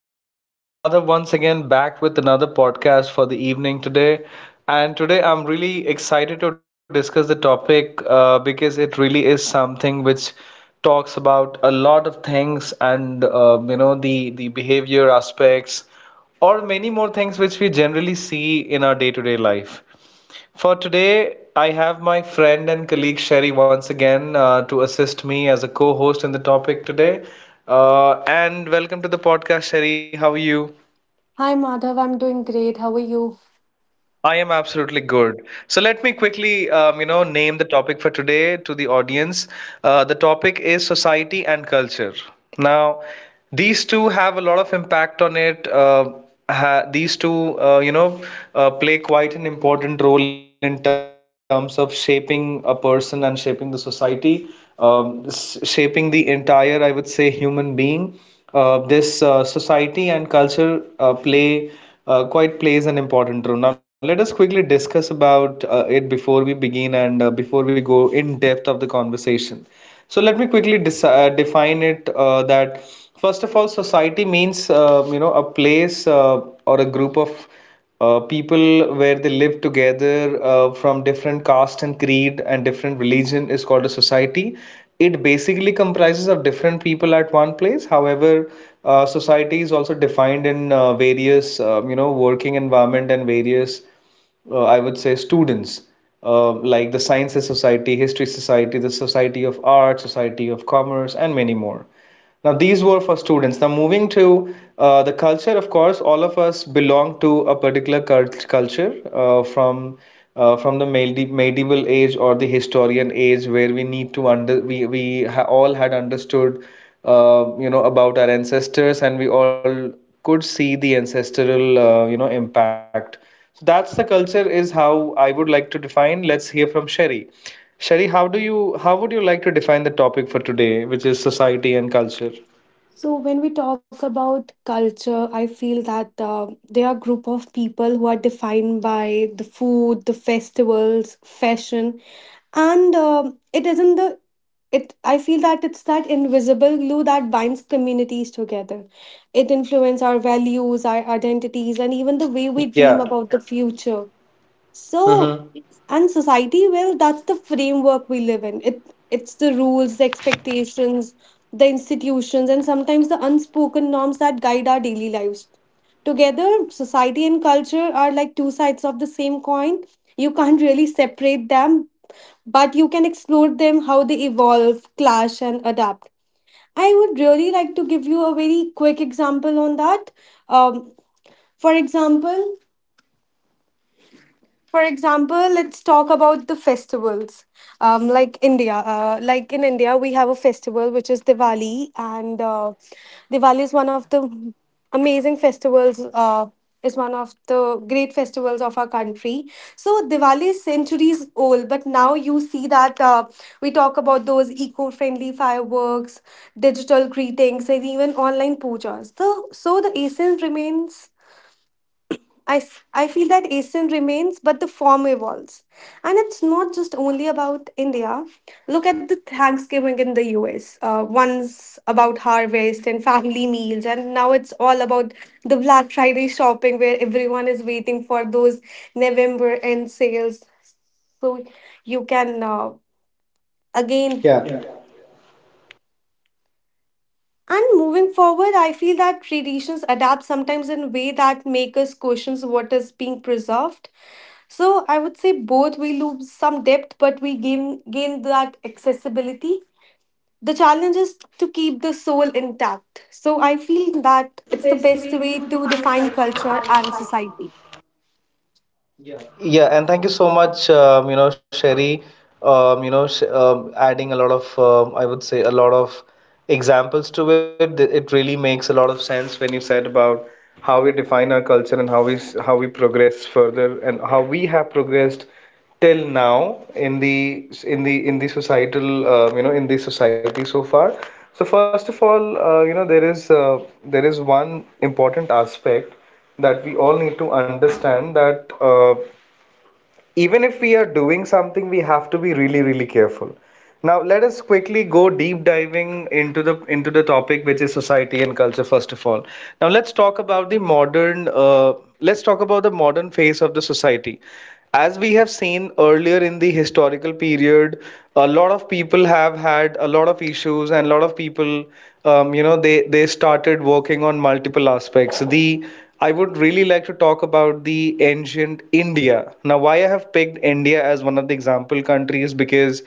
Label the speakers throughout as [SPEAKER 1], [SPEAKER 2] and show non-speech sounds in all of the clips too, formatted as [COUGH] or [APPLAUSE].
[SPEAKER 1] This is Madhav once again back with another podcast for the evening today. And today I'm really excited to discuss the topic because it really is something which talks about a lot of things and the behavior aspects or many more things which we generally see in our day-to-day life. For today, I have my friend and colleague Sherry once again to assist me as a co host in the topic today. And welcome to the podcast, Sherry. How are you?
[SPEAKER 2] Hi Madhav, I'm doing great. How are you?
[SPEAKER 1] I am absolutely good. So let me quickly, name the topic for today to the audience. The topic is society and culture. Now, these two have a lot of impact on it. These two, play quite an important role in terms of shaping a person and shaping the society, shaping the entire, I would say, human being. This Society and culture plays an important role. Now, let us quickly discuss about it before we begin and before we go in depth of the conversation. So let me quickly dis define it that first of all, society means a place or a group of people where they live together from different caste and creed and different religion is called a society. It basically comprises of different people at one place. However, society is also defined in various working environment and various I would say students, like the Sciences Society, History Society, the Society of Art, Society of Commerce, and many more. Now, these were for students. Now, moving to the culture, of course, all of us belong to a particular culture from the medieval age or the historian age, where we need to under we ha- all had understood, about our ancestors, and we all could see the ancestral, impact. So that's the culture is how I would like to define. Let's hear from Sherry. Sherry, how would you like to define the topic for today, which is society and culture?
[SPEAKER 2] So, when we talk about culture, I feel that there are group of people who are defined by the food, the festivals, fashion, and it isn't the it. I feel that it's that invisible glue that binds communities together. It influences our values, our identities, and even the way we
[SPEAKER 1] Yeah.
[SPEAKER 2] dream about the future. So,
[SPEAKER 1] Mm-hmm.
[SPEAKER 2] and society, well, that's the framework we live in. It's the rules, the expectations, the institutions, and sometimes the unspoken norms that guide our daily lives. Together, society and culture are like two sides of the same coin. You can't really separate them, but you can explore them how they evolve, clash, and adapt. I would really like to give you a very quick example on that. Um, for example, for example let's talk about the festivals like india like in india we have a festival which is diwali and diwali is one of the amazing festivals is one of the great festivals of our country so diwali is centuries old but now you see that we talk about those eco-friendly fireworks digital greetings and even online pujas, so the essence remains I feel that ASEAN remains, but the form evolves. And it's not just only about India. Look at the Thanksgiving in the US. Once about harvest and family meals, and now it's all about the Black Friday shopping where everyone is waiting for those November end sales. So you can again.
[SPEAKER 1] Yeah.
[SPEAKER 2] Yeah. And moving forward, I feel that traditions adapt sometimes in a way that make us question what is being preserved. So I would say both we lose some depth, but we gain that accessibility. The challenge is to keep the soul intact. So I feel that it's the best way to define culture and society. Yeah.
[SPEAKER 1] Yeah, and thank you so much, Sherry. You know, sh Adding a lot of, I would say, a lot of examples to it. It really makes a lot of sense when you said about how we define our culture and how we progress further and how we have progressed till now in the societal, in the society so far. So first of all, there is one important aspect that we all need to understand that. Even if we are doing something we have to be really careful. Now let us quickly go deep diving into the topic which is society and culture first of all. Now let's talk about the modern let's talk about the modern phase of the society. As we have seen earlier in the historical period, a lot of people have had a lot of issues, and a lot of people, they started working on multiple aspects. The I would really like to talk about the ancient India. Now, why I have picked India as one of the example countries because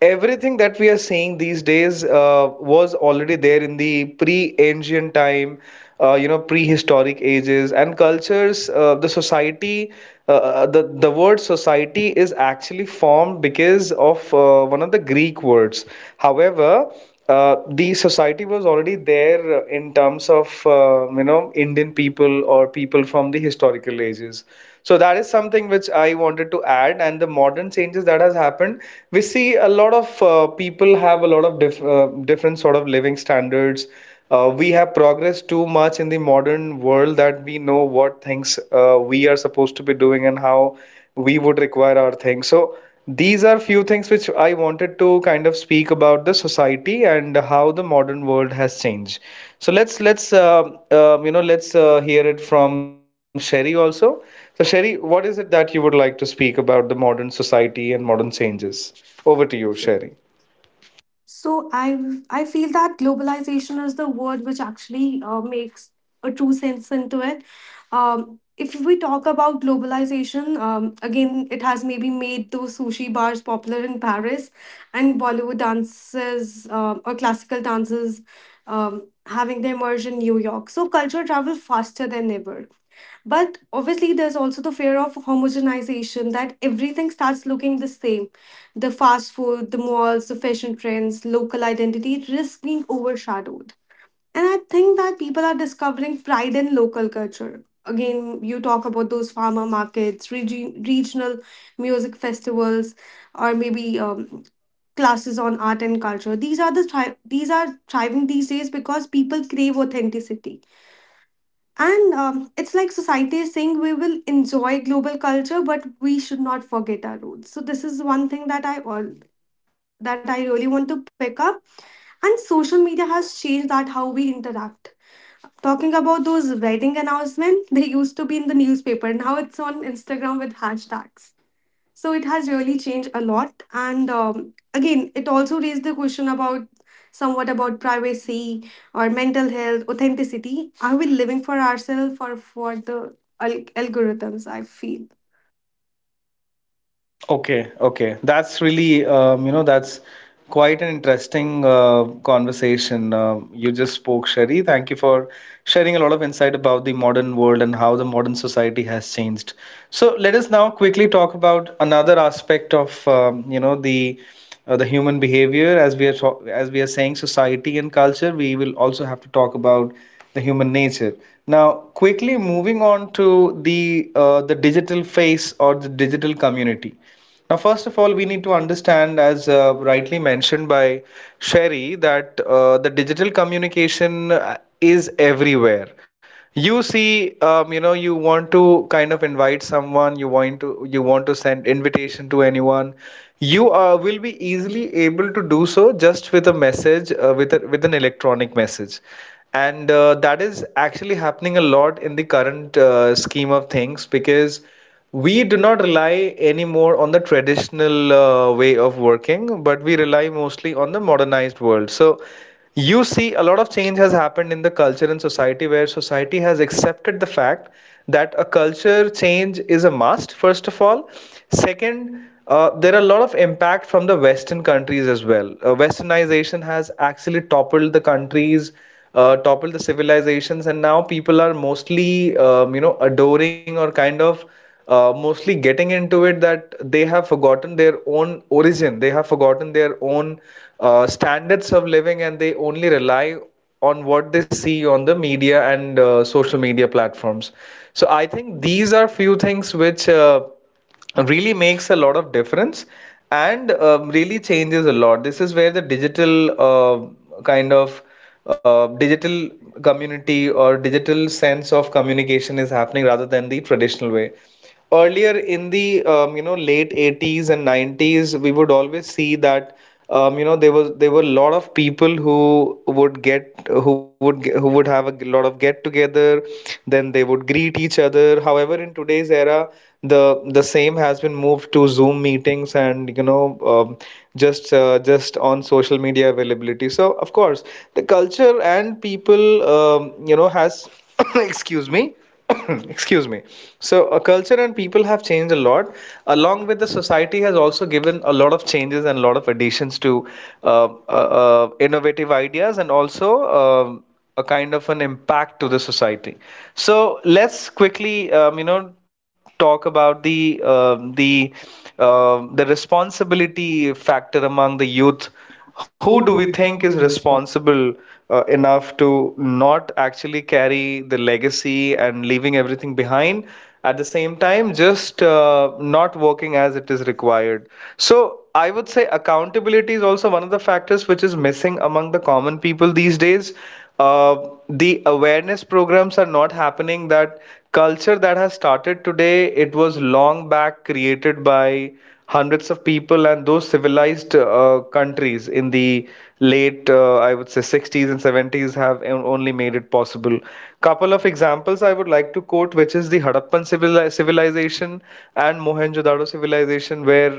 [SPEAKER 1] everything that we are seeing these days was already there in the pre-ancient time, prehistoric ages and cultures. The word society is actually formed because of one of the Greek words. However, the society was already there in terms of Indian people or people from the historical ages, so that is something which I wanted to add. And the modern changes that has happened, we see a lot of people have a lot of different sort of living standards. We have progressed too much in the modern world that we know what things we are supposed to be doing and how we would require our things. So these are few things which I wanted to kind of speak about the society and how the modern world has changed. So let's you know let's hear it from Sherry also. So, Sherry, what is it that you would like to speak about the modern society and modern changes? Over to you, Sherry.
[SPEAKER 2] Sure. So I feel that globalization is the word which actually makes a true sense into it. If we talk about globalization, again, it has maybe made those sushi bars popular in Paris, and Bollywood dances or classical dances having their merge in New York. So culture travel faster than ever. But obviously, there's also the fear of homogenization that everything starts looking the same. The fast food, the malls, the fashion trends, local identity risks being overshadowed. And I think that people are discovering pride in local culture. Again, you talk about those farmer markets, regional music festivals, or maybe classes on art and culture. These are thriving these days because people crave authenticity and it's like society is saying we will enjoy global culture, but we should not forget our roots. So this is one thing that I really want to pick up. And social media has changed that how we interact. Talking about those wedding announcements, [LAUGHS] they used to be in the newspaper. Now it's on Instagram with hashtags. So it has really changed a lot. And again, it also raised the question about somewhat about privacy or mental health, authenticity. Are we living for ourselves or for the algorithms? I feel.
[SPEAKER 1] Okay, okay. That's really, that's quite an interesting conversation you just spoke, Sherry. Thank you for sharing a lot of insight about the modern world and how the modern society has changed. So let us now quickly talk about another aspect of, the human behavior. As as we are saying society and culture, we will also have to talk about the human nature. Now quickly moving on to the digital face or the digital community. Now first of all we need to understand, as rightly mentioned by Sherry, that the digital communication is everywhere. You see, you want to kind of invite someone, you want to send invitation to anyone, you will be easily able to do so just with a message, with a, with an electronic message, and that is actually happening a lot in the current scheme of things, because we do not rely anymore on the traditional way of working, but we rely mostly on the modernized world. So you see a lot of change has happened in the culture and society where society has accepted the fact that a culture change is a must. First of all, second, there are a lot of impact from the western countries as well. Westernization has actually toppled the countries, toppled the civilizations, and now people are mostly adoring or kind of mostly getting into it, that they have forgotten their own origin, they have forgotten their own standards of living, and they only rely on what they see on the media and social media platforms. So I think these are few things which really makes a lot of difference and really changes a lot. This is where the digital uh, kind of digital community or digital sense of communication is happening rather than the traditional way. Earlier in the late 80s and 90s, we would always see that there were a lot of people who would get who would ge- who would have a lot of get together, then they would greet each other. However, in today's era, the same has been moved to zoom meetings and, you know, just on social media availability. So of course the culture and people, has [COUGHS] excuse me [COUGHS] excuse me, so a culture and people have changed a lot, along with the society has also given a lot of changes and a lot of additions to innovative ideas, and also um, a kind of an impact to the society. So let's quickly, talk about the the responsibility factor among the youth. Who do we
[SPEAKER 2] Who do we
[SPEAKER 1] think is
[SPEAKER 2] think is responsible?
[SPEAKER 1] responsible enough to not actually carry the legacy and leaving everything behind, at the same time just not working as it is required? So I would say accountability is also one of the factors which is missing among the common people these days. uh, the awareness programs are not happening. That culture that has started today, it was long back created by hundreds of people, and those civilized countries in the late, I would say, 60s and 70s have only made it possible. Couple of examples I would like to quote, which is the civilization and Mohenjo-daro civilization, where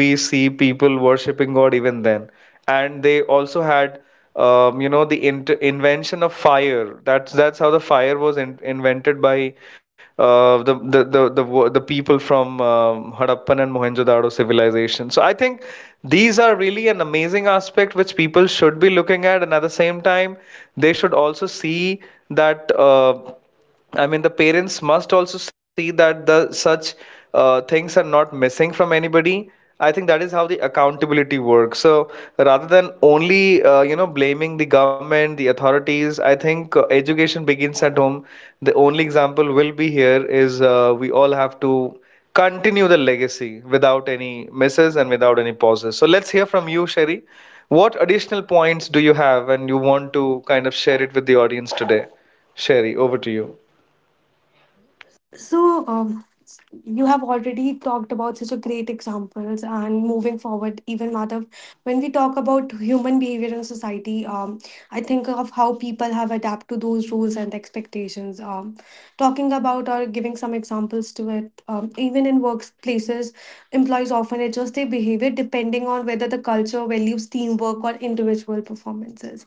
[SPEAKER 1] we see people worshipping god even then, and they also had, the in invention of fire. That's how the fire was in invented by the people from Harappan and Mohenjo-daro civilization. So I think these are really an amazing aspect which people should be looking at, and at the same time they should also see that, I mean, the parents must also see that the such things are not missing from anybody. I think that is how the accountability works. So rather than only, blaming the government, the authorities, I think education begins at home. The only example will be here is we all have to continue the legacy without any misses and without any pauses. So let's hear from you, Sherry. What additional points do you have and you want to kind of share it with the audience today? Sherry, over to you.
[SPEAKER 2] So, you have already talked about such a great examples and moving forward even madhav when we talk about human behavior in society I think of how people have adapted to those rules and expectations talking about or giving some examples to it even in workplaces employees often adjust their behavior depending on whether the culture values teamwork or individual performances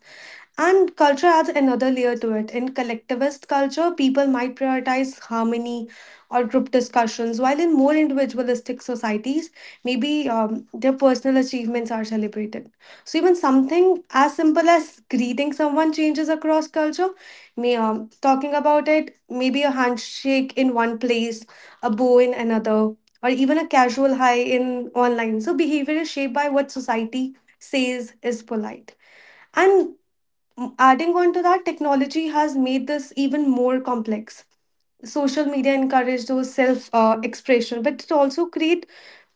[SPEAKER 2] and culture adds another layer to it. In collectivist culture, people might prioritize harmony or group discussions, while in more individualistic societies, maybe their personal achievements are celebrated. So, even something as simple as greeting someone changes across culture. Talking about it, maybe a handshake in one place, a bow in another, or even a casual hi in online. So, behavior is shaped by what society says is polite. And adding on to that, technology has made this even more complex. Social media encourage those self expression, but it also create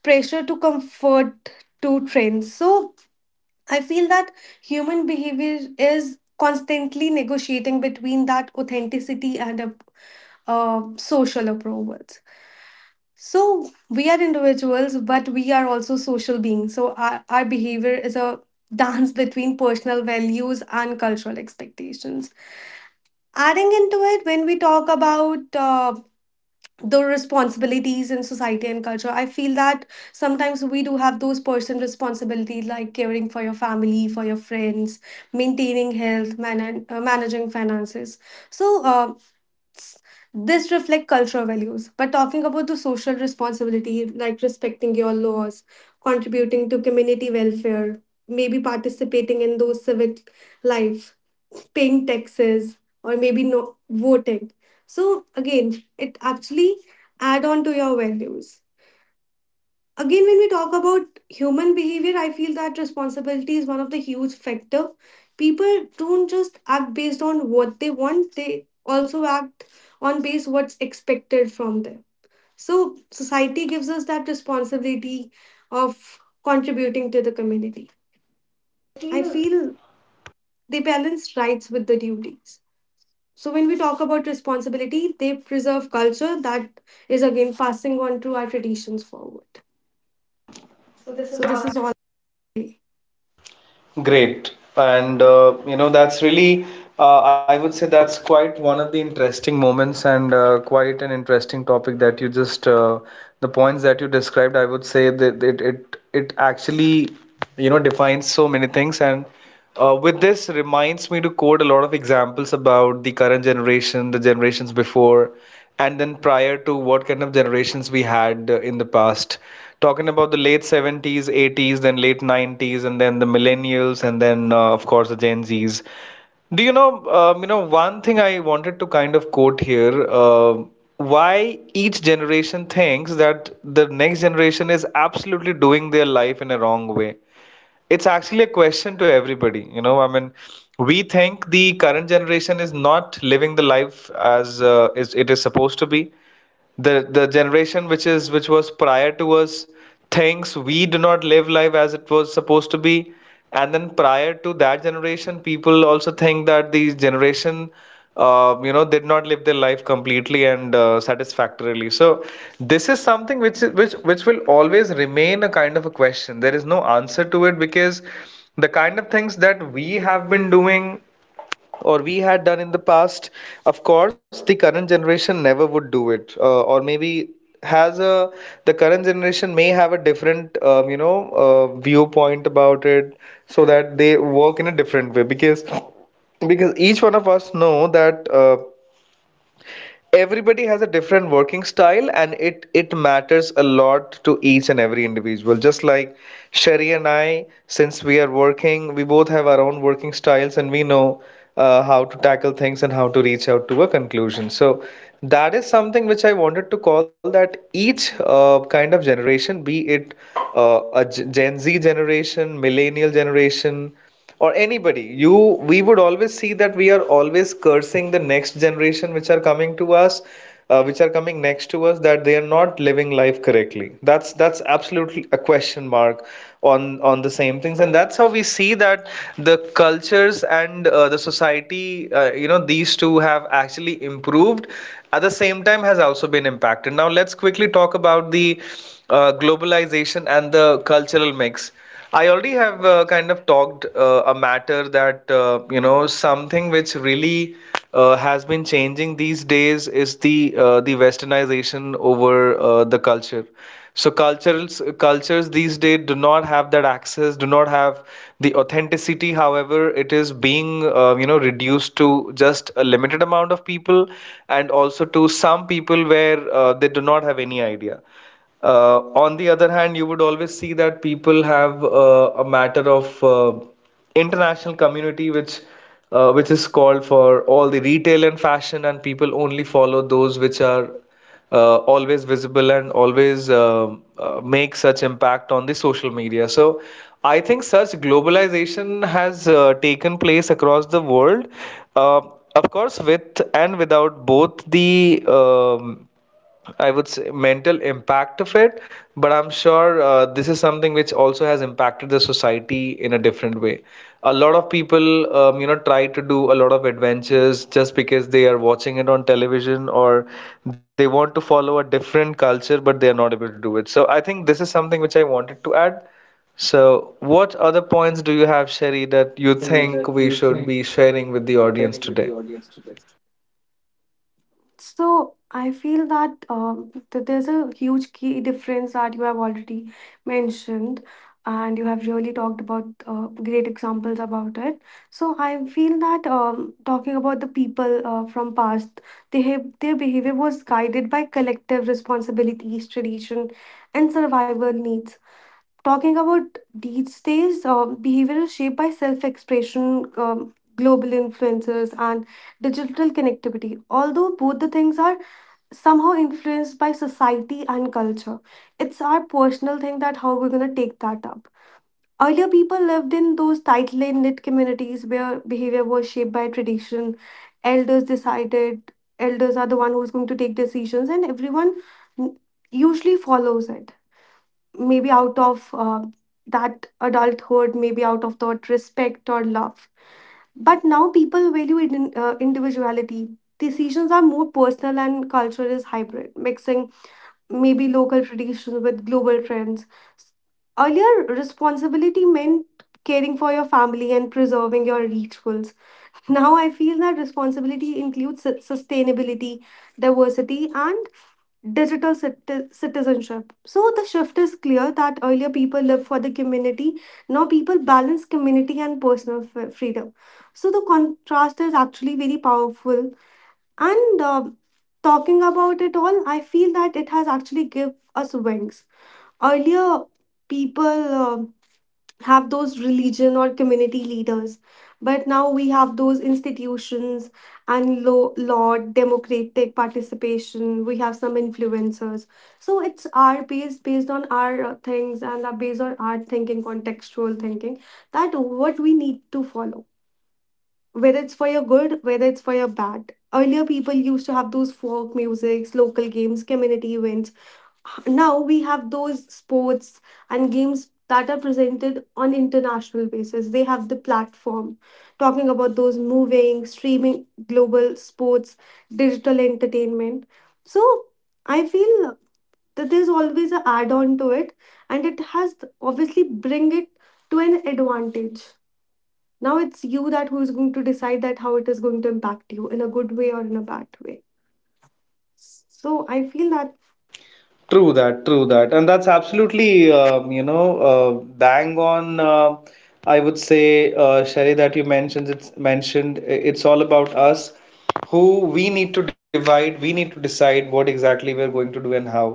[SPEAKER 2] pressure to comfort to trends. So I feel that human behavior is constantly negotiating between that authenticity and a social approvals. So we are individuals, but we are also social beings. So our behavior is a [LAUGHS] dance between personal values and cultural expectations adding into it when we talk about the responsibilities in society and culture I feel that sometimes we do have those personal responsibilities like caring for your family for your friends maintaining managing finances so s- this reflect cultural values but talking about the social responsibility like respecting your laws contributing to community welfare maybe participating in those civic life paying taxes or maybe no voting so again it actually add on to your values again when we talk about human behavior I feel that responsibility is one of the huge factor people don't just act based on what they want they also act on base what's expected from them so society gives us that responsibility of contributing to the community I feel they balance rights with the duties. So when we talk about responsibility, they preserve culture that is again passing on to our traditions forward. So this is all that
[SPEAKER 1] Great. And you know, that's really, I would say that's quite one of the interesting moments and quite an interesting topic that you just, the points that you described, I would say that it actually, you know, defines so many things. And with this reminds me to quote a lot of examples about the current generation, the generations before, and then prior to what kind of generations we had in the past. Talking about the late 70s, 80s, then late 90s, and then the millennials, and then of course the Gen Zs. Do you know, one thing I wanted to kind of quote here, why each generation thinks that the next generation is absolutely doing their life in a wrong way. It's actually a question to everybody, you know, I mean, we think the current generation is not living the life as is it is supposed to be. The generation which was prior to us thinks we do not live life as it was supposed to be, and then prior to that generation, people also think that the generation you know did not live their life completely and satisfactorily. So this is something which will always remain a kind of a question. There is no answer to it, because the kind of things that we have been doing or we had done in the past, of course the current generation never would do it, or maybe has a the current generation may have a different you know viewpoint about it. So that they work in a different way, because each one of us know that everybody has a different working style and it matters a lot to each and every individual. Just like Sherry and I, since we are working, we both have our own working styles and we know how to tackle things and how to reach out to a conclusion. So that is something which I wanted to call, that each kind of generation, be it a Gen Z generation, millennial generation, or anybody, you we would always see that we are always cursing the next generation which are coming to us, which are coming next to us, that they are not living life correctly. That's absolutely a question mark on the same things, and that's how we see that the cultures and the society, you know, these two have actually improved. At the same time, has also been impacted. Now let's quickly talk about the globalization and the cultural mix. I already have kind of talked a matter that you know, something which really has been changing these days is the westernization over the culture. So cultures these days do not have that access, do not have the authenticity. However, it is being you know reduced to just a limited amount of people, and also to some people where they do not have any idea. On the other hand, you would always see that people have a matter of international community, which is called for all the retail and fashion, and people only follow those which are always visible and always make such impact on the social media. So I think such globalization has taken place across the world, uh, of course, with and without both the um, I would say mental impact of it, but I'm sure this is something which also has impacted the society in a different way. A lot of people, you know, try to do a lot of adventures just because they are watching it on television, or they want to follow a different culture, but they are not able to do it. So I think this is something which I wanted to add. So, what other points do you have, Sherry, that you think
[SPEAKER 2] you
[SPEAKER 1] we
[SPEAKER 2] think
[SPEAKER 1] should be sharing with the audience
[SPEAKER 2] sharing with the
[SPEAKER 1] today?
[SPEAKER 2] audience today. So I feel that there's a huge key difference that you have already mentioned, and you have really talked about great examples about it. So I feel that talking about the people from past, their behavior was guided by collective responsibilities, tradition, and survival needs talking about these days, behavior is shaped by self expression, global influencers, and digital connectivity. Although both the things are somehow influenced by society and culture, it's our personal thing that how we're going to take that up. Earlier, people lived in those tightly knit communities where behavior was shaped by tradition. Elders decided, elders are the one who's going to take decisions, and everyone usually follows it maybe out of that adulthood, maybe out of that respect or love. But now people value individuality. Decisions are more personal and culture is hybrid, mixing maybe local traditions with global trends. Earlier, responsibility meant caring for your family and preserving your rituals now I feel that responsibility includes sustainability, diversity, and citizenship. So the shift is clear that earlier people lived for the community, now people balance community and personal freedom. So the contrast is actually very powerful. And talking about it all, I feel that it has actually give us wings. Earlier, people. Have those religion or community leaders but now we have those institutions and law democratic participation we have some influencers so it's our based on our things and are based on our thinking contextual thinking that what we need to follow whether it's for your good whether it's for your bad earlier people used to have those folk musics local games community events now we have those sports and games that are presented on international basis they have the platform talking about those moving streaming global sports digital entertainment so I feel that there's always a add on to it and it has obviously bring it to an advantage now it's you that who is going to decide that how it is going to impact you in a good way or in a bad way so I feel that
[SPEAKER 1] True that, and that's absolutely you know bang on. I would say, Sherry, that you mentioned. It's mentioned. It's all about us, who we need to divide. We need to decide what exactly we're going to do and how.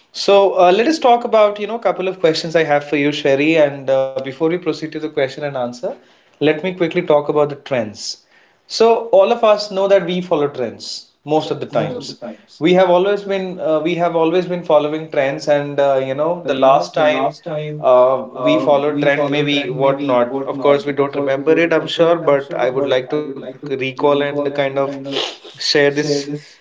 [SPEAKER 1] So let us talk about, you know, a couple of questions I have for you, Sherry. And before we proceed to the question and answer, let me quickly talk about the trends. So all of us know that we follow trends most of the
[SPEAKER 2] most of the
[SPEAKER 1] times.
[SPEAKER 2] times
[SPEAKER 1] We have always been following trends, and you know the
[SPEAKER 2] you know
[SPEAKER 1] last
[SPEAKER 2] the
[SPEAKER 1] time
[SPEAKER 2] last time
[SPEAKER 1] we followed
[SPEAKER 2] we
[SPEAKER 1] trend
[SPEAKER 2] followed
[SPEAKER 1] maybe
[SPEAKER 2] trend maybe
[SPEAKER 1] whatnot. Of
[SPEAKER 2] whatnot
[SPEAKER 1] course, we
[SPEAKER 2] of
[SPEAKER 1] don't
[SPEAKER 2] course we
[SPEAKER 1] remember
[SPEAKER 2] don't
[SPEAKER 1] it, I'm
[SPEAKER 2] remember
[SPEAKER 1] sure,
[SPEAKER 2] it I'm
[SPEAKER 1] but
[SPEAKER 2] sure
[SPEAKER 1] I would
[SPEAKER 2] but
[SPEAKER 1] like
[SPEAKER 2] I
[SPEAKER 1] to
[SPEAKER 2] would like to
[SPEAKER 1] recall and
[SPEAKER 2] recall
[SPEAKER 1] kind
[SPEAKER 2] and
[SPEAKER 1] of
[SPEAKER 2] kind of
[SPEAKER 1] share
[SPEAKER 2] share
[SPEAKER 1] this.
[SPEAKER 2] this.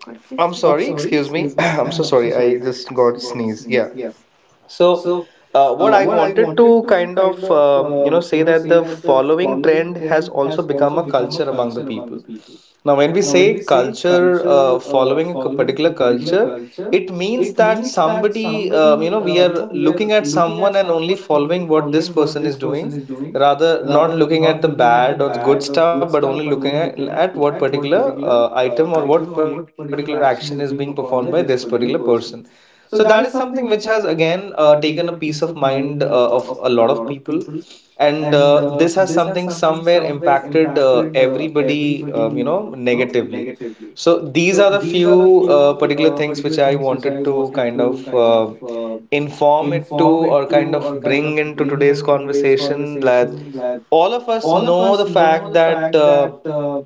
[SPEAKER 2] God
[SPEAKER 1] I'm
[SPEAKER 2] bless you. I'm
[SPEAKER 1] sorry,
[SPEAKER 2] sorry,
[SPEAKER 1] excuse me.
[SPEAKER 2] excuse
[SPEAKER 1] [CLEARS THROAT]
[SPEAKER 2] me. [CLEARS THROAT]
[SPEAKER 1] I'm so
[SPEAKER 2] I'm so
[SPEAKER 1] sorry. I
[SPEAKER 2] sorry, I
[SPEAKER 1] just
[SPEAKER 2] just
[SPEAKER 1] got
[SPEAKER 2] got
[SPEAKER 1] sneeze. Yeah.
[SPEAKER 2] sneezed. Yes,
[SPEAKER 1] So,
[SPEAKER 2] so,
[SPEAKER 1] what I
[SPEAKER 2] what I
[SPEAKER 1] wanted
[SPEAKER 2] wanted
[SPEAKER 1] to
[SPEAKER 2] to
[SPEAKER 1] kind
[SPEAKER 2] kind
[SPEAKER 1] of
[SPEAKER 2] of
[SPEAKER 1] you know
[SPEAKER 2] you
[SPEAKER 1] say
[SPEAKER 2] know
[SPEAKER 1] that
[SPEAKER 2] say
[SPEAKER 1] the
[SPEAKER 2] that the
[SPEAKER 1] following trend
[SPEAKER 2] following
[SPEAKER 1] has
[SPEAKER 2] trend
[SPEAKER 1] also
[SPEAKER 2] has
[SPEAKER 1] become
[SPEAKER 2] also
[SPEAKER 1] a
[SPEAKER 2] become
[SPEAKER 1] culture
[SPEAKER 2] a
[SPEAKER 1] among the
[SPEAKER 2] culture among
[SPEAKER 1] people.
[SPEAKER 2] the people.
[SPEAKER 1] Now, when we
[SPEAKER 2] Now, when we
[SPEAKER 1] say
[SPEAKER 2] say
[SPEAKER 1] culture,
[SPEAKER 2] culture,
[SPEAKER 1] following a
[SPEAKER 2] following
[SPEAKER 1] particular
[SPEAKER 2] a particular
[SPEAKER 1] culture,
[SPEAKER 2] culture,
[SPEAKER 1] it means
[SPEAKER 2] it
[SPEAKER 1] that
[SPEAKER 2] means that
[SPEAKER 1] somebody, you
[SPEAKER 2] somebody,
[SPEAKER 1] know, we
[SPEAKER 2] you
[SPEAKER 1] are
[SPEAKER 2] know, we are
[SPEAKER 1] looking at
[SPEAKER 2] looking at
[SPEAKER 1] someone and only
[SPEAKER 2] someone and only
[SPEAKER 1] following what this
[SPEAKER 2] following what
[SPEAKER 1] person is
[SPEAKER 2] this person
[SPEAKER 1] doing,
[SPEAKER 2] is doing,
[SPEAKER 1] rather not
[SPEAKER 2] rather
[SPEAKER 1] looking
[SPEAKER 2] not
[SPEAKER 1] at the
[SPEAKER 2] looking at the
[SPEAKER 1] bad or good
[SPEAKER 2] bad or
[SPEAKER 1] stuff,
[SPEAKER 2] good
[SPEAKER 1] but only
[SPEAKER 2] stuff, but
[SPEAKER 1] looking
[SPEAKER 2] only looking
[SPEAKER 1] at what
[SPEAKER 2] at
[SPEAKER 1] particular
[SPEAKER 2] what particular
[SPEAKER 1] item or what
[SPEAKER 2] item or
[SPEAKER 1] particular
[SPEAKER 2] what
[SPEAKER 1] action
[SPEAKER 2] particular
[SPEAKER 1] is being
[SPEAKER 2] action is
[SPEAKER 1] performed by
[SPEAKER 2] being
[SPEAKER 1] this
[SPEAKER 2] performed by
[SPEAKER 1] particular
[SPEAKER 2] this particular
[SPEAKER 1] person.
[SPEAKER 2] person.
[SPEAKER 1] So that is
[SPEAKER 2] So
[SPEAKER 1] something
[SPEAKER 2] that is
[SPEAKER 1] which has
[SPEAKER 2] something which has
[SPEAKER 1] again
[SPEAKER 2] again
[SPEAKER 1] taken a peace of
[SPEAKER 2] taken a peace of
[SPEAKER 1] mind
[SPEAKER 2] mind
[SPEAKER 1] of a lot
[SPEAKER 2] of
[SPEAKER 1] of
[SPEAKER 2] a lot
[SPEAKER 1] people,
[SPEAKER 2] of people,
[SPEAKER 1] and
[SPEAKER 2] and
[SPEAKER 1] this has
[SPEAKER 2] this
[SPEAKER 1] something
[SPEAKER 2] has something
[SPEAKER 1] somewhere
[SPEAKER 2] somewhere
[SPEAKER 1] impacted
[SPEAKER 2] impacted
[SPEAKER 1] everybody, you
[SPEAKER 2] everybody,
[SPEAKER 1] know,
[SPEAKER 2] you know,
[SPEAKER 1] negatively.
[SPEAKER 2] negatively.
[SPEAKER 1] So these
[SPEAKER 2] So
[SPEAKER 1] are the
[SPEAKER 2] these are the
[SPEAKER 1] few
[SPEAKER 2] few
[SPEAKER 1] particular things which
[SPEAKER 2] particular
[SPEAKER 1] I
[SPEAKER 2] things which I
[SPEAKER 1] wanted to
[SPEAKER 2] wanted
[SPEAKER 1] kind
[SPEAKER 2] to
[SPEAKER 1] of inform it to,
[SPEAKER 2] inform
[SPEAKER 1] or
[SPEAKER 2] it to
[SPEAKER 1] kind
[SPEAKER 2] or
[SPEAKER 1] of
[SPEAKER 2] kind
[SPEAKER 1] bring
[SPEAKER 2] of
[SPEAKER 1] into
[SPEAKER 2] bring
[SPEAKER 1] today's
[SPEAKER 2] into today's
[SPEAKER 1] conversation, that
[SPEAKER 2] conversation that
[SPEAKER 1] all of us
[SPEAKER 2] all of
[SPEAKER 1] know
[SPEAKER 2] us
[SPEAKER 1] the
[SPEAKER 2] know
[SPEAKER 1] fact
[SPEAKER 2] the
[SPEAKER 1] that
[SPEAKER 2] fact that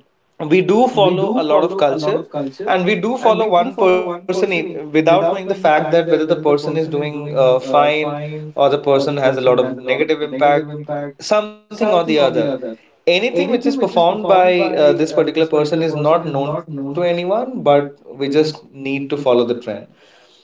[SPEAKER 1] we do
[SPEAKER 2] we
[SPEAKER 1] follow
[SPEAKER 2] do
[SPEAKER 1] a lot of
[SPEAKER 2] follow a lot
[SPEAKER 1] culture,
[SPEAKER 2] of culture
[SPEAKER 1] and we do
[SPEAKER 2] and we
[SPEAKER 1] follow
[SPEAKER 2] do
[SPEAKER 1] one
[SPEAKER 2] follow one
[SPEAKER 1] person
[SPEAKER 2] person
[SPEAKER 1] without knowing
[SPEAKER 2] without
[SPEAKER 1] the
[SPEAKER 2] knowing the
[SPEAKER 1] fact
[SPEAKER 2] fact
[SPEAKER 1] that
[SPEAKER 2] that
[SPEAKER 1] whether the
[SPEAKER 2] whether the
[SPEAKER 1] person is
[SPEAKER 2] person is
[SPEAKER 1] doing
[SPEAKER 2] doing
[SPEAKER 1] fine,
[SPEAKER 2] fine
[SPEAKER 1] or the
[SPEAKER 2] or the
[SPEAKER 1] person
[SPEAKER 2] person
[SPEAKER 1] has a
[SPEAKER 2] has a
[SPEAKER 1] lot
[SPEAKER 2] lot
[SPEAKER 1] of
[SPEAKER 2] of
[SPEAKER 1] negative
[SPEAKER 2] negative
[SPEAKER 1] impact,
[SPEAKER 2] impact
[SPEAKER 1] something
[SPEAKER 2] something
[SPEAKER 1] or
[SPEAKER 2] or
[SPEAKER 1] the
[SPEAKER 2] the
[SPEAKER 1] other.
[SPEAKER 2] other.
[SPEAKER 1] Anything
[SPEAKER 2] Anything
[SPEAKER 1] which is
[SPEAKER 2] which is
[SPEAKER 1] performed
[SPEAKER 2] performed
[SPEAKER 1] by
[SPEAKER 2] by
[SPEAKER 1] this
[SPEAKER 2] this
[SPEAKER 1] particular
[SPEAKER 2] particular
[SPEAKER 1] person
[SPEAKER 2] person
[SPEAKER 1] is
[SPEAKER 2] is
[SPEAKER 1] not
[SPEAKER 2] not
[SPEAKER 1] known to
[SPEAKER 2] known to
[SPEAKER 1] anyone,
[SPEAKER 2] anyone,
[SPEAKER 1] but
[SPEAKER 2] but
[SPEAKER 1] we
[SPEAKER 2] we
[SPEAKER 1] just
[SPEAKER 2] just
[SPEAKER 1] need to
[SPEAKER 2] need to
[SPEAKER 1] follow
[SPEAKER 2] follow
[SPEAKER 1] the
[SPEAKER 2] the
[SPEAKER 1] trend.
[SPEAKER 2] trend.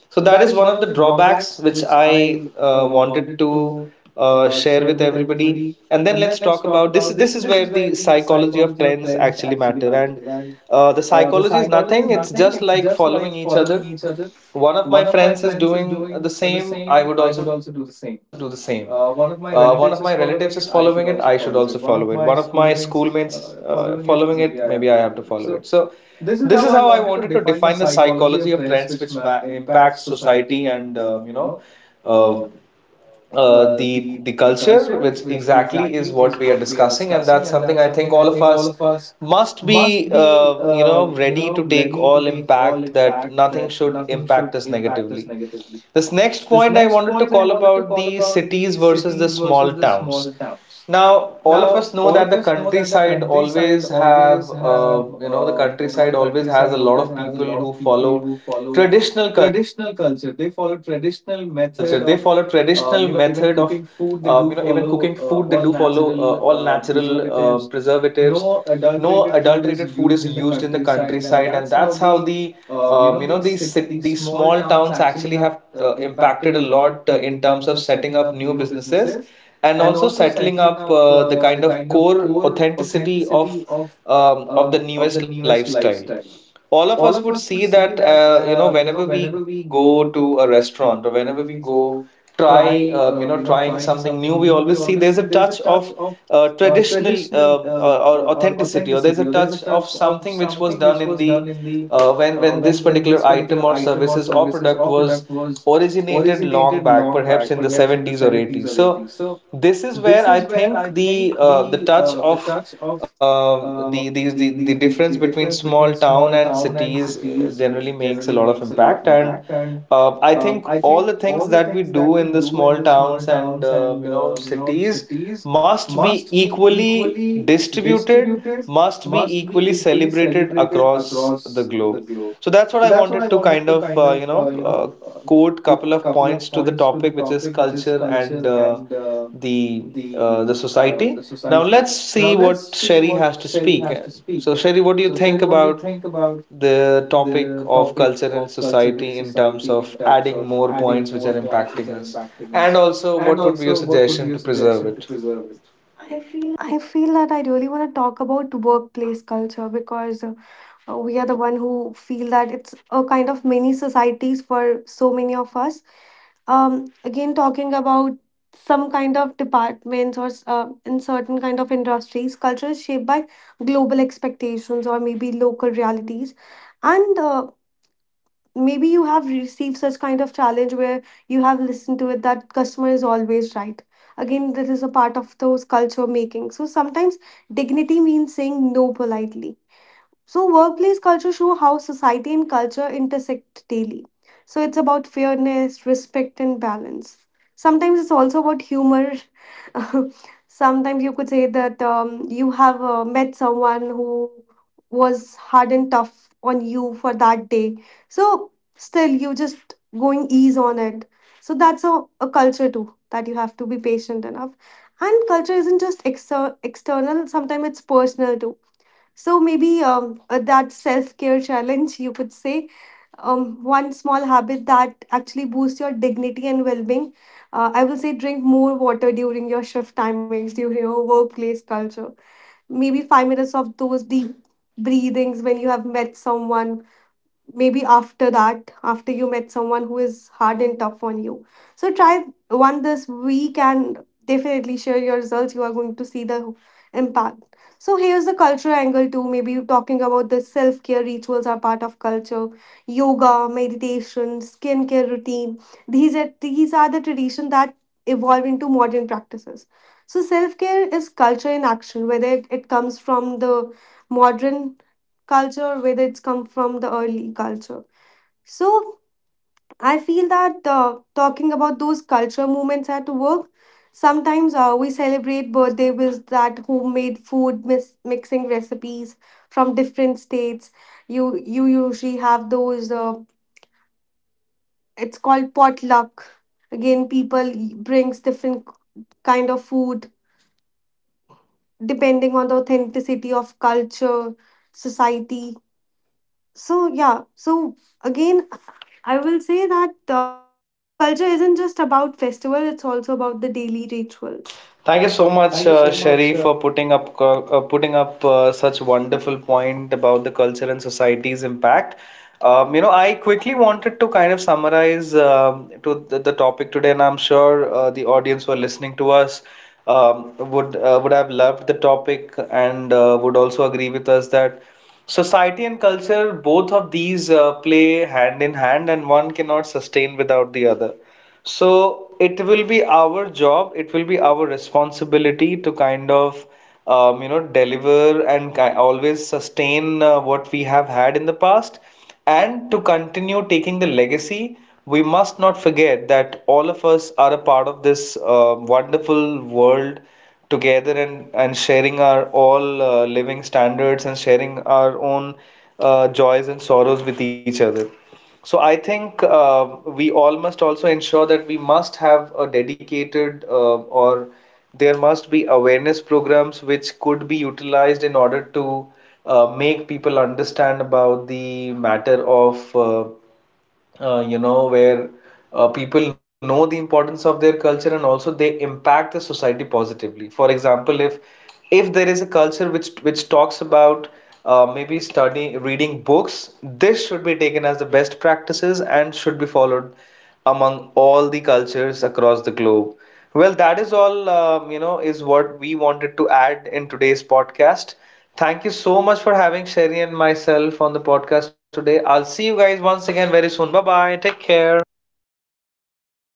[SPEAKER 1] So
[SPEAKER 2] So
[SPEAKER 1] that is
[SPEAKER 2] that
[SPEAKER 1] one
[SPEAKER 2] is one
[SPEAKER 1] of the
[SPEAKER 2] of the
[SPEAKER 1] drawbacks
[SPEAKER 2] drawbacks
[SPEAKER 1] which
[SPEAKER 2] which
[SPEAKER 1] I
[SPEAKER 2] I
[SPEAKER 1] wanted
[SPEAKER 2] wanted
[SPEAKER 1] to
[SPEAKER 2] to
[SPEAKER 1] share
[SPEAKER 2] share
[SPEAKER 1] with
[SPEAKER 2] with
[SPEAKER 1] everybody.
[SPEAKER 2] everybody.
[SPEAKER 1] And then
[SPEAKER 2] And then
[SPEAKER 1] let's
[SPEAKER 2] let's
[SPEAKER 1] talk
[SPEAKER 2] talk
[SPEAKER 1] about
[SPEAKER 2] about
[SPEAKER 1] this.
[SPEAKER 2] this.
[SPEAKER 1] This is
[SPEAKER 2] This
[SPEAKER 1] where
[SPEAKER 2] is where
[SPEAKER 1] the
[SPEAKER 2] the
[SPEAKER 1] psychology of
[SPEAKER 2] psychology of
[SPEAKER 1] trends
[SPEAKER 2] trends
[SPEAKER 1] actually
[SPEAKER 2] actually
[SPEAKER 1] matter.
[SPEAKER 2] matters
[SPEAKER 1] And
[SPEAKER 2] and.
[SPEAKER 1] the
[SPEAKER 2] The
[SPEAKER 1] psychology is
[SPEAKER 2] psychology is
[SPEAKER 1] nothing. It's
[SPEAKER 2] nothing. It's
[SPEAKER 1] just
[SPEAKER 2] just
[SPEAKER 1] like
[SPEAKER 2] like
[SPEAKER 1] following each
[SPEAKER 2] following each
[SPEAKER 1] other.
[SPEAKER 2] other.
[SPEAKER 1] One of my
[SPEAKER 2] One of my
[SPEAKER 1] friends is
[SPEAKER 2] friends is
[SPEAKER 1] doing the
[SPEAKER 2] doing the
[SPEAKER 1] same. I
[SPEAKER 2] same.
[SPEAKER 1] would
[SPEAKER 2] I
[SPEAKER 1] also
[SPEAKER 2] would
[SPEAKER 1] do the
[SPEAKER 2] also do the
[SPEAKER 1] same.
[SPEAKER 2] same.
[SPEAKER 1] One of my
[SPEAKER 2] One of my
[SPEAKER 1] relatives is
[SPEAKER 2] relatives is
[SPEAKER 1] following it. I
[SPEAKER 2] following it.
[SPEAKER 1] should
[SPEAKER 2] I
[SPEAKER 1] also
[SPEAKER 2] should also
[SPEAKER 1] follow it.
[SPEAKER 2] follow
[SPEAKER 1] One of
[SPEAKER 2] it. One
[SPEAKER 1] my
[SPEAKER 2] of my
[SPEAKER 1] schoolmates
[SPEAKER 2] schoolmates
[SPEAKER 1] following it.
[SPEAKER 2] following
[SPEAKER 1] Maybe
[SPEAKER 2] it.
[SPEAKER 1] I have to
[SPEAKER 2] Maybe I have
[SPEAKER 1] follow
[SPEAKER 2] to
[SPEAKER 1] it.
[SPEAKER 2] follow
[SPEAKER 1] So
[SPEAKER 2] it. So
[SPEAKER 1] this is how
[SPEAKER 2] this
[SPEAKER 1] I
[SPEAKER 2] is how
[SPEAKER 1] wanted
[SPEAKER 2] I
[SPEAKER 1] to
[SPEAKER 2] wanted
[SPEAKER 1] define
[SPEAKER 2] to
[SPEAKER 1] the
[SPEAKER 2] define the
[SPEAKER 1] psychology of
[SPEAKER 2] psychology
[SPEAKER 1] trends,
[SPEAKER 2] of
[SPEAKER 1] which
[SPEAKER 2] trends,
[SPEAKER 1] ma
[SPEAKER 2] which
[SPEAKER 1] impacts
[SPEAKER 2] impacts
[SPEAKER 1] society and
[SPEAKER 2] society,
[SPEAKER 1] you
[SPEAKER 2] and
[SPEAKER 1] know uh,
[SPEAKER 2] uh,
[SPEAKER 1] the
[SPEAKER 2] the
[SPEAKER 1] culture, which
[SPEAKER 2] culture, which
[SPEAKER 1] exactly is what
[SPEAKER 2] exactly
[SPEAKER 1] we are
[SPEAKER 2] is what we are
[SPEAKER 1] discussing, and that's
[SPEAKER 2] discussing, and
[SPEAKER 1] something I
[SPEAKER 2] that's
[SPEAKER 1] think all
[SPEAKER 2] something I
[SPEAKER 1] of
[SPEAKER 2] think
[SPEAKER 1] us
[SPEAKER 2] all of us
[SPEAKER 1] must be
[SPEAKER 2] must be,
[SPEAKER 1] you know ready to take
[SPEAKER 2] ready to
[SPEAKER 1] all
[SPEAKER 2] take all
[SPEAKER 1] impact, that
[SPEAKER 2] impact,
[SPEAKER 1] nothing
[SPEAKER 2] that
[SPEAKER 1] should
[SPEAKER 2] nothing should
[SPEAKER 1] impact us
[SPEAKER 2] impact us
[SPEAKER 1] negatively.
[SPEAKER 2] negatively.
[SPEAKER 1] This next
[SPEAKER 2] This
[SPEAKER 1] point I
[SPEAKER 2] next
[SPEAKER 1] wanted to
[SPEAKER 2] point I
[SPEAKER 1] call
[SPEAKER 2] wanted to
[SPEAKER 1] about
[SPEAKER 2] call
[SPEAKER 1] the
[SPEAKER 2] about the
[SPEAKER 1] cities versus the
[SPEAKER 2] cities versus
[SPEAKER 1] small
[SPEAKER 2] the
[SPEAKER 1] towns.
[SPEAKER 2] small towns.
[SPEAKER 1] Now, all of
[SPEAKER 2] Now,
[SPEAKER 1] us know
[SPEAKER 2] all
[SPEAKER 1] that
[SPEAKER 2] of us know that the countryside always have,
[SPEAKER 1] the countryside
[SPEAKER 2] the
[SPEAKER 1] always has
[SPEAKER 2] countryside
[SPEAKER 1] a lot
[SPEAKER 2] always
[SPEAKER 1] of
[SPEAKER 2] has a
[SPEAKER 1] people
[SPEAKER 2] lot
[SPEAKER 1] who
[SPEAKER 2] of people
[SPEAKER 1] follow
[SPEAKER 2] who follow
[SPEAKER 1] traditional culture. They
[SPEAKER 2] traditional
[SPEAKER 1] follow
[SPEAKER 2] culture. They follow
[SPEAKER 1] traditional method
[SPEAKER 2] traditional
[SPEAKER 1] of,
[SPEAKER 2] method of,
[SPEAKER 1] you know, even cooking
[SPEAKER 2] even
[SPEAKER 1] food. They
[SPEAKER 2] cooking
[SPEAKER 1] do
[SPEAKER 2] food. They
[SPEAKER 1] follow
[SPEAKER 2] do follow
[SPEAKER 1] all
[SPEAKER 2] all
[SPEAKER 1] natural
[SPEAKER 2] natural
[SPEAKER 1] preservatives.
[SPEAKER 2] preservatives.
[SPEAKER 1] No
[SPEAKER 2] No
[SPEAKER 1] adulterated food is
[SPEAKER 2] adulterated food
[SPEAKER 1] used
[SPEAKER 2] is
[SPEAKER 1] in the
[SPEAKER 2] used in the
[SPEAKER 1] countryside, and that's
[SPEAKER 2] countryside,
[SPEAKER 1] how
[SPEAKER 2] and that's
[SPEAKER 1] the
[SPEAKER 2] how the,
[SPEAKER 1] you know
[SPEAKER 2] these
[SPEAKER 1] these small
[SPEAKER 2] these
[SPEAKER 1] towns
[SPEAKER 2] small
[SPEAKER 1] actually
[SPEAKER 2] towns
[SPEAKER 1] have
[SPEAKER 2] actually have
[SPEAKER 1] impacted a
[SPEAKER 2] impacted a
[SPEAKER 1] lot
[SPEAKER 2] lot
[SPEAKER 1] in terms of
[SPEAKER 2] in terms
[SPEAKER 1] setting
[SPEAKER 2] of
[SPEAKER 1] up new
[SPEAKER 2] setting up new
[SPEAKER 1] businesses,
[SPEAKER 2] businesses
[SPEAKER 1] and also
[SPEAKER 2] and also
[SPEAKER 1] settling up
[SPEAKER 2] settling up
[SPEAKER 1] the kind
[SPEAKER 2] the
[SPEAKER 1] of
[SPEAKER 2] kind of
[SPEAKER 1] core
[SPEAKER 2] core
[SPEAKER 1] authenticity
[SPEAKER 2] authenticity
[SPEAKER 1] of the
[SPEAKER 2] of the
[SPEAKER 1] newest
[SPEAKER 2] newest
[SPEAKER 1] lifestyle.
[SPEAKER 2] lifestyle.
[SPEAKER 1] All of us
[SPEAKER 2] All
[SPEAKER 1] would
[SPEAKER 2] of us
[SPEAKER 1] see
[SPEAKER 2] would
[SPEAKER 1] that
[SPEAKER 2] see that
[SPEAKER 1] you know, whenever we
[SPEAKER 2] whenever we
[SPEAKER 1] go to
[SPEAKER 2] go
[SPEAKER 1] a
[SPEAKER 2] to a
[SPEAKER 1] restaurant or
[SPEAKER 2] restaurant
[SPEAKER 1] whenever
[SPEAKER 2] or
[SPEAKER 1] we
[SPEAKER 2] whenever we
[SPEAKER 1] go
[SPEAKER 2] go
[SPEAKER 1] try
[SPEAKER 2] try
[SPEAKER 1] you know trying
[SPEAKER 2] trying
[SPEAKER 1] something new, we
[SPEAKER 2] something new,
[SPEAKER 1] always
[SPEAKER 2] we
[SPEAKER 1] see there's
[SPEAKER 2] always
[SPEAKER 1] a
[SPEAKER 2] see there's
[SPEAKER 1] touch
[SPEAKER 2] a
[SPEAKER 1] of
[SPEAKER 2] touch of
[SPEAKER 1] traditional
[SPEAKER 2] traditional
[SPEAKER 1] or
[SPEAKER 2] or
[SPEAKER 1] authenticity, or there's a
[SPEAKER 2] authenticity, or there's
[SPEAKER 1] touch
[SPEAKER 2] a
[SPEAKER 1] of
[SPEAKER 2] touch of
[SPEAKER 1] something which
[SPEAKER 2] something
[SPEAKER 1] was
[SPEAKER 2] which
[SPEAKER 1] done
[SPEAKER 2] was
[SPEAKER 1] in
[SPEAKER 2] done
[SPEAKER 1] the
[SPEAKER 2] in the uh,
[SPEAKER 1] when
[SPEAKER 2] when
[SPEAKER 1] this
[SPEAKER 2] when this
[SPEAKER 1] particular item
[SPEAKER 2] particular
[SPEAKER 1] or
[SPEAKER 2] item or
[SPEAKER 1] services or
[SPEAKER 2] services
[SPEAKER 1] product
[SPEAKER 2] or product
[SPEAKER 1] was
[SPEAKER 2] was
[SPEAKER 1] originated long
[SPEAKER 2] originated
[SPEAKER 1] back,
[SPEAKER 2] long
[SPEAKER 1] perhaps
[SPEAKER 2] back,
[SPEAKER 1] in the
[SPEAKER 2] perhaps in the
[SPEAKER 1] 70s or
[SPEAKER 2] 70s
[SPEAKER 1] 80s.
[SPEAKER 2] or
[SPEAKER 1] So
[SPEAKER 2] 80s. So
[SPEAKER 1] this is
[SPEAKER 2] this
[SPEAKER 1] where
[SPEAKER 2] is
[SPEAKER 1] I
[SPEAKER 2] where I
[SPEAKER 1] think
[SPEAKER 2] think
[SPEAKER 1] the touch
[SPEAKER 2] the
[SPEAKER 1] of
[SPEAKER 2] touch of
[SPEAKER 1] uh,
[SPEAKER 2] uh,
[SPEAKER 1] the, the the
[SPEAKER 2] the, the
[SPEAKER 1] the
[SPEAKER 2] the
[SPEAKER 1] difference
[SPEAKER 2] the
[SPEAKER 1] between
[SPEAKER 2] difference
[SPEAKER 1] small
[SPEAKER 2] between
[SPEAKER 1] town
[SPEAKER 2] small
[SPEAKER 1] and
[SPEAKER 2] town and
[SPEAKER 1] cities
[SPEAKER 2] cities
[SPEAKER 1] generally makes a
[SPEAKER 2] generally
[SPEAKER 1] lot of
[SPEAKER 2] makes a lot of
[SPEAKER 1] impact. And
[SPEAKER 2] impact. And
[SPEAKER 1] I think
[SPEAKER 2] I
[SPEAKER 1] all
[SPEAKER 2] think
[SPEAKER 1] the
[SPEAKER 2] all
[SPEAKER 1] things
[SPEAKER 2] the
[SPEAKER 1] that we
[SPEAKER 2] things that
[SPEAKER 1] do
[SPEAKER 2] we
[SPEAKER 1] in the
[SPEAKER 2] do in
[SPEAKER 1] small
[SPEAKER 2] the small
[SPEAKER 1] towns and
[SPEAKER 2] towns and
[SPEAKER 1] you know cities
[SPEAKER 2] cities
[SPEAKER 1] must be
[SPEAKER 2] must be
[SPEAKER 1] equally
[SPEAKER 2] equally
[SPEAKER 1] distributed,
[SPEAKER 2] distributed,
[SPEAKER 1] must be
[SPEAKER 2] must be
[SPEAKER 1] equally
[SPEAKER 2] equally
[SPEAKER 1] celebrated
[SPEAKER 2] celebrated
[SPEAKER 1] across
[SPEAKER 2] across
[SPEAKER 1] the
[SPEAKER 2] the
[SPEAKER 1] globe.
[SPEAKER 2] globe.
[SPEAKER 1] So that's what
[SPEAKER 2] So
[SPEAKER 1] I
[SPEAKER 2] that's what I
[SPEAKER 1] wanted to
[SPEAKER 2] wanted
[SPEAKER 1] kind
[SPEAKER 2] to
[SPEAKER 1] of you know quote couple
[SPEAKER 2] quote
[SPEAKER 1] of
[SPEAKER 2] couple
[SPEAKER 1] points
[SPEAKER 2] of
[SPEAKER 1] to the
[SPEAKER 2] points to
[SPEAKER 1] topic,
[SPEAKER 2] the
[SPEAKER 1] which is
[SPEAKER 2] topic, which is
[SPEAKER 1] culture and
[SPEAKER 2] culture and
[SPEAKER 1] the
[SPEAKER 2] the
[SPEAKER 1] the
[SPEAKER 2] the
[SPEAKER 1] society. Now
[SPEAKER 2] society.
[SPEAKER 1] let's
[SPEAKER 2] Now
[SPEAKER 1] see
[SPEAKER 2] let's
[SPEAKER 1] what
[SPEAKER 2] see
[SPEAKER 1] Sherry
[SPEAKER 2] what
[SPEAKER 1] has to
[SPEAKER 2] Sherry
[SPEAKER 1] speak.
[SPEAKER 2] has to speak
[SPEAKER 1] So
[SPEAKER 2] here.
[SPEAKER 1] Sherry, what do you
[SPEAKER 2] So Sherry,
[SPEAKER 1] think
[SPEAKER 2] what do you
[SPEAKER 1] about
[SPEAKER 2] think about
[SPEAKER 1] the topic
[SPEAKER 2] the
[SPEAKER 1] of
[SPEAKER 2] topic
[SPEAKER 1] culture and
[SPEAKER 2] of culture and
[SPEAKER 1] society in terms
[SPEAKER 2] society
[SPEAKER 1] of
[SPEAKER 2] in terms
[SPEAKER 1] adding
[SPEAKER 2] of
[SPEAKER 1] more
[SPEAKER 2] adding
[SPEAKER 1] points which
[SPEAKER 2] more
[SPEAKER 1] are
[SPEAKER 2] points which
[SPEAKER 1] impacting
[SPEAKER 2] are
[SPEAKER 1] us?
[SPEAKER 2] impacting
[SPEAKER 1] And
[SPEAKER 2] us?
[SPEAKER 1] also,
[SPEAKER 2] And
[SPEAKER 1] what would be your
[SPEAKER 2] also, what would be
[SPEAKER 1] suggestion
[SPEAKER 2] your
[SPEAKER 1] to preserve
[SPEAKER 2] suggestion to
[SPEAKER 1] it?
[SPEAKER 2] preserve it? I feel that I really want to talk about workplace culture because we are the one who feel that it's a kind of mini societies for so many of us. Again, talking about some kind of departments or in certain kind of industries, culture is shaped by global expectations or maybe local realities, and maybe you have received such kind of challenge where you have listened to it that customer is always right. Again, this is a part of those culture making. So sometimes dignity means saying no politely. So workplace culture show how society and culture intersect daily. So it's about fairness, respect, and balance. Sometimes it's also about humor. [LAUGHS] Sometimes you could say that you have met someone who was hard and tough on you for that day. So, still, you just going ease on it. So that's a culture too, that you have to be patient enough. And culture isn't just external, sometimes it's personal too. So maybe that self care challenge, you could say, one small habit that actually boosts your dignity and well being. I will say drink more water during your shift timings, during your workplace culture. Maybe 5 minutes of those deep breathings when you have met someone, maybe after that, after you met someone who is hard and tough on you. So try one this week, and definitely share your results. You are going to see the impact. So here's the cultural angle too. Maybe you're talking about the self-care rituals are part of culture. Yoga, meditation, skincare routine, these are the traditions that evolve into modern practices. So self-care is culture in action, whether it comes from the modern culture, whether it's come from the early culture. So I feel that talking about those culture moments at work, sometimes we celebrate birthday with that homemade food, mixing recipes from different states. You usually have those. It's called potluck. Again, people brings different kind of food depending on the authenticity of culture, society. So yeah, so again, I will say that culture isn't just about festival, it's also about the daily rituals.
[SPEAKER 1] Thank you so
[SPEAKER 2] Thank
[SPEAKER 1] much,
[SPEAKER 2] you so much.
[SPEAKER 1] Sherry, for putting up putting up such wonderful point about the culture and society's impact. You know, I quickly wanted to kind of summarize to the topic today, and I'm sure the audience who are listening to us would have loved the topic, and would also agree with us that society and culture, both of these play hand in hand, and one cannot sustain without the other. So it will be our job, it will be our responsibility to kind of you know deliver and ki always sustain what we have had in the past, and to continue taking the legacy. We must not forget that all of us are a part of this wonderful world together, and sharing our all living standards and sharing our own joys and sorrows with each other. So I think we all must also ensure that we must have a dedicated or there must be awareness programs which could be utilized in order to make people understand about the matter of you know, where people know the importance of their culture, and also they impact the society positively. For example, if there is a culture which talks about maybe studying, reading books, this should be taken as the best practices and should be followed among all the cultures across the globe. Well, that is all, you know, is what we wanted to add in today's podcast. Thank you so much for having Sherry and myself on the podcast today. I'll see you guys once again very soon. Bye bye. Take care.
[SPEAKER 2] Bye bye.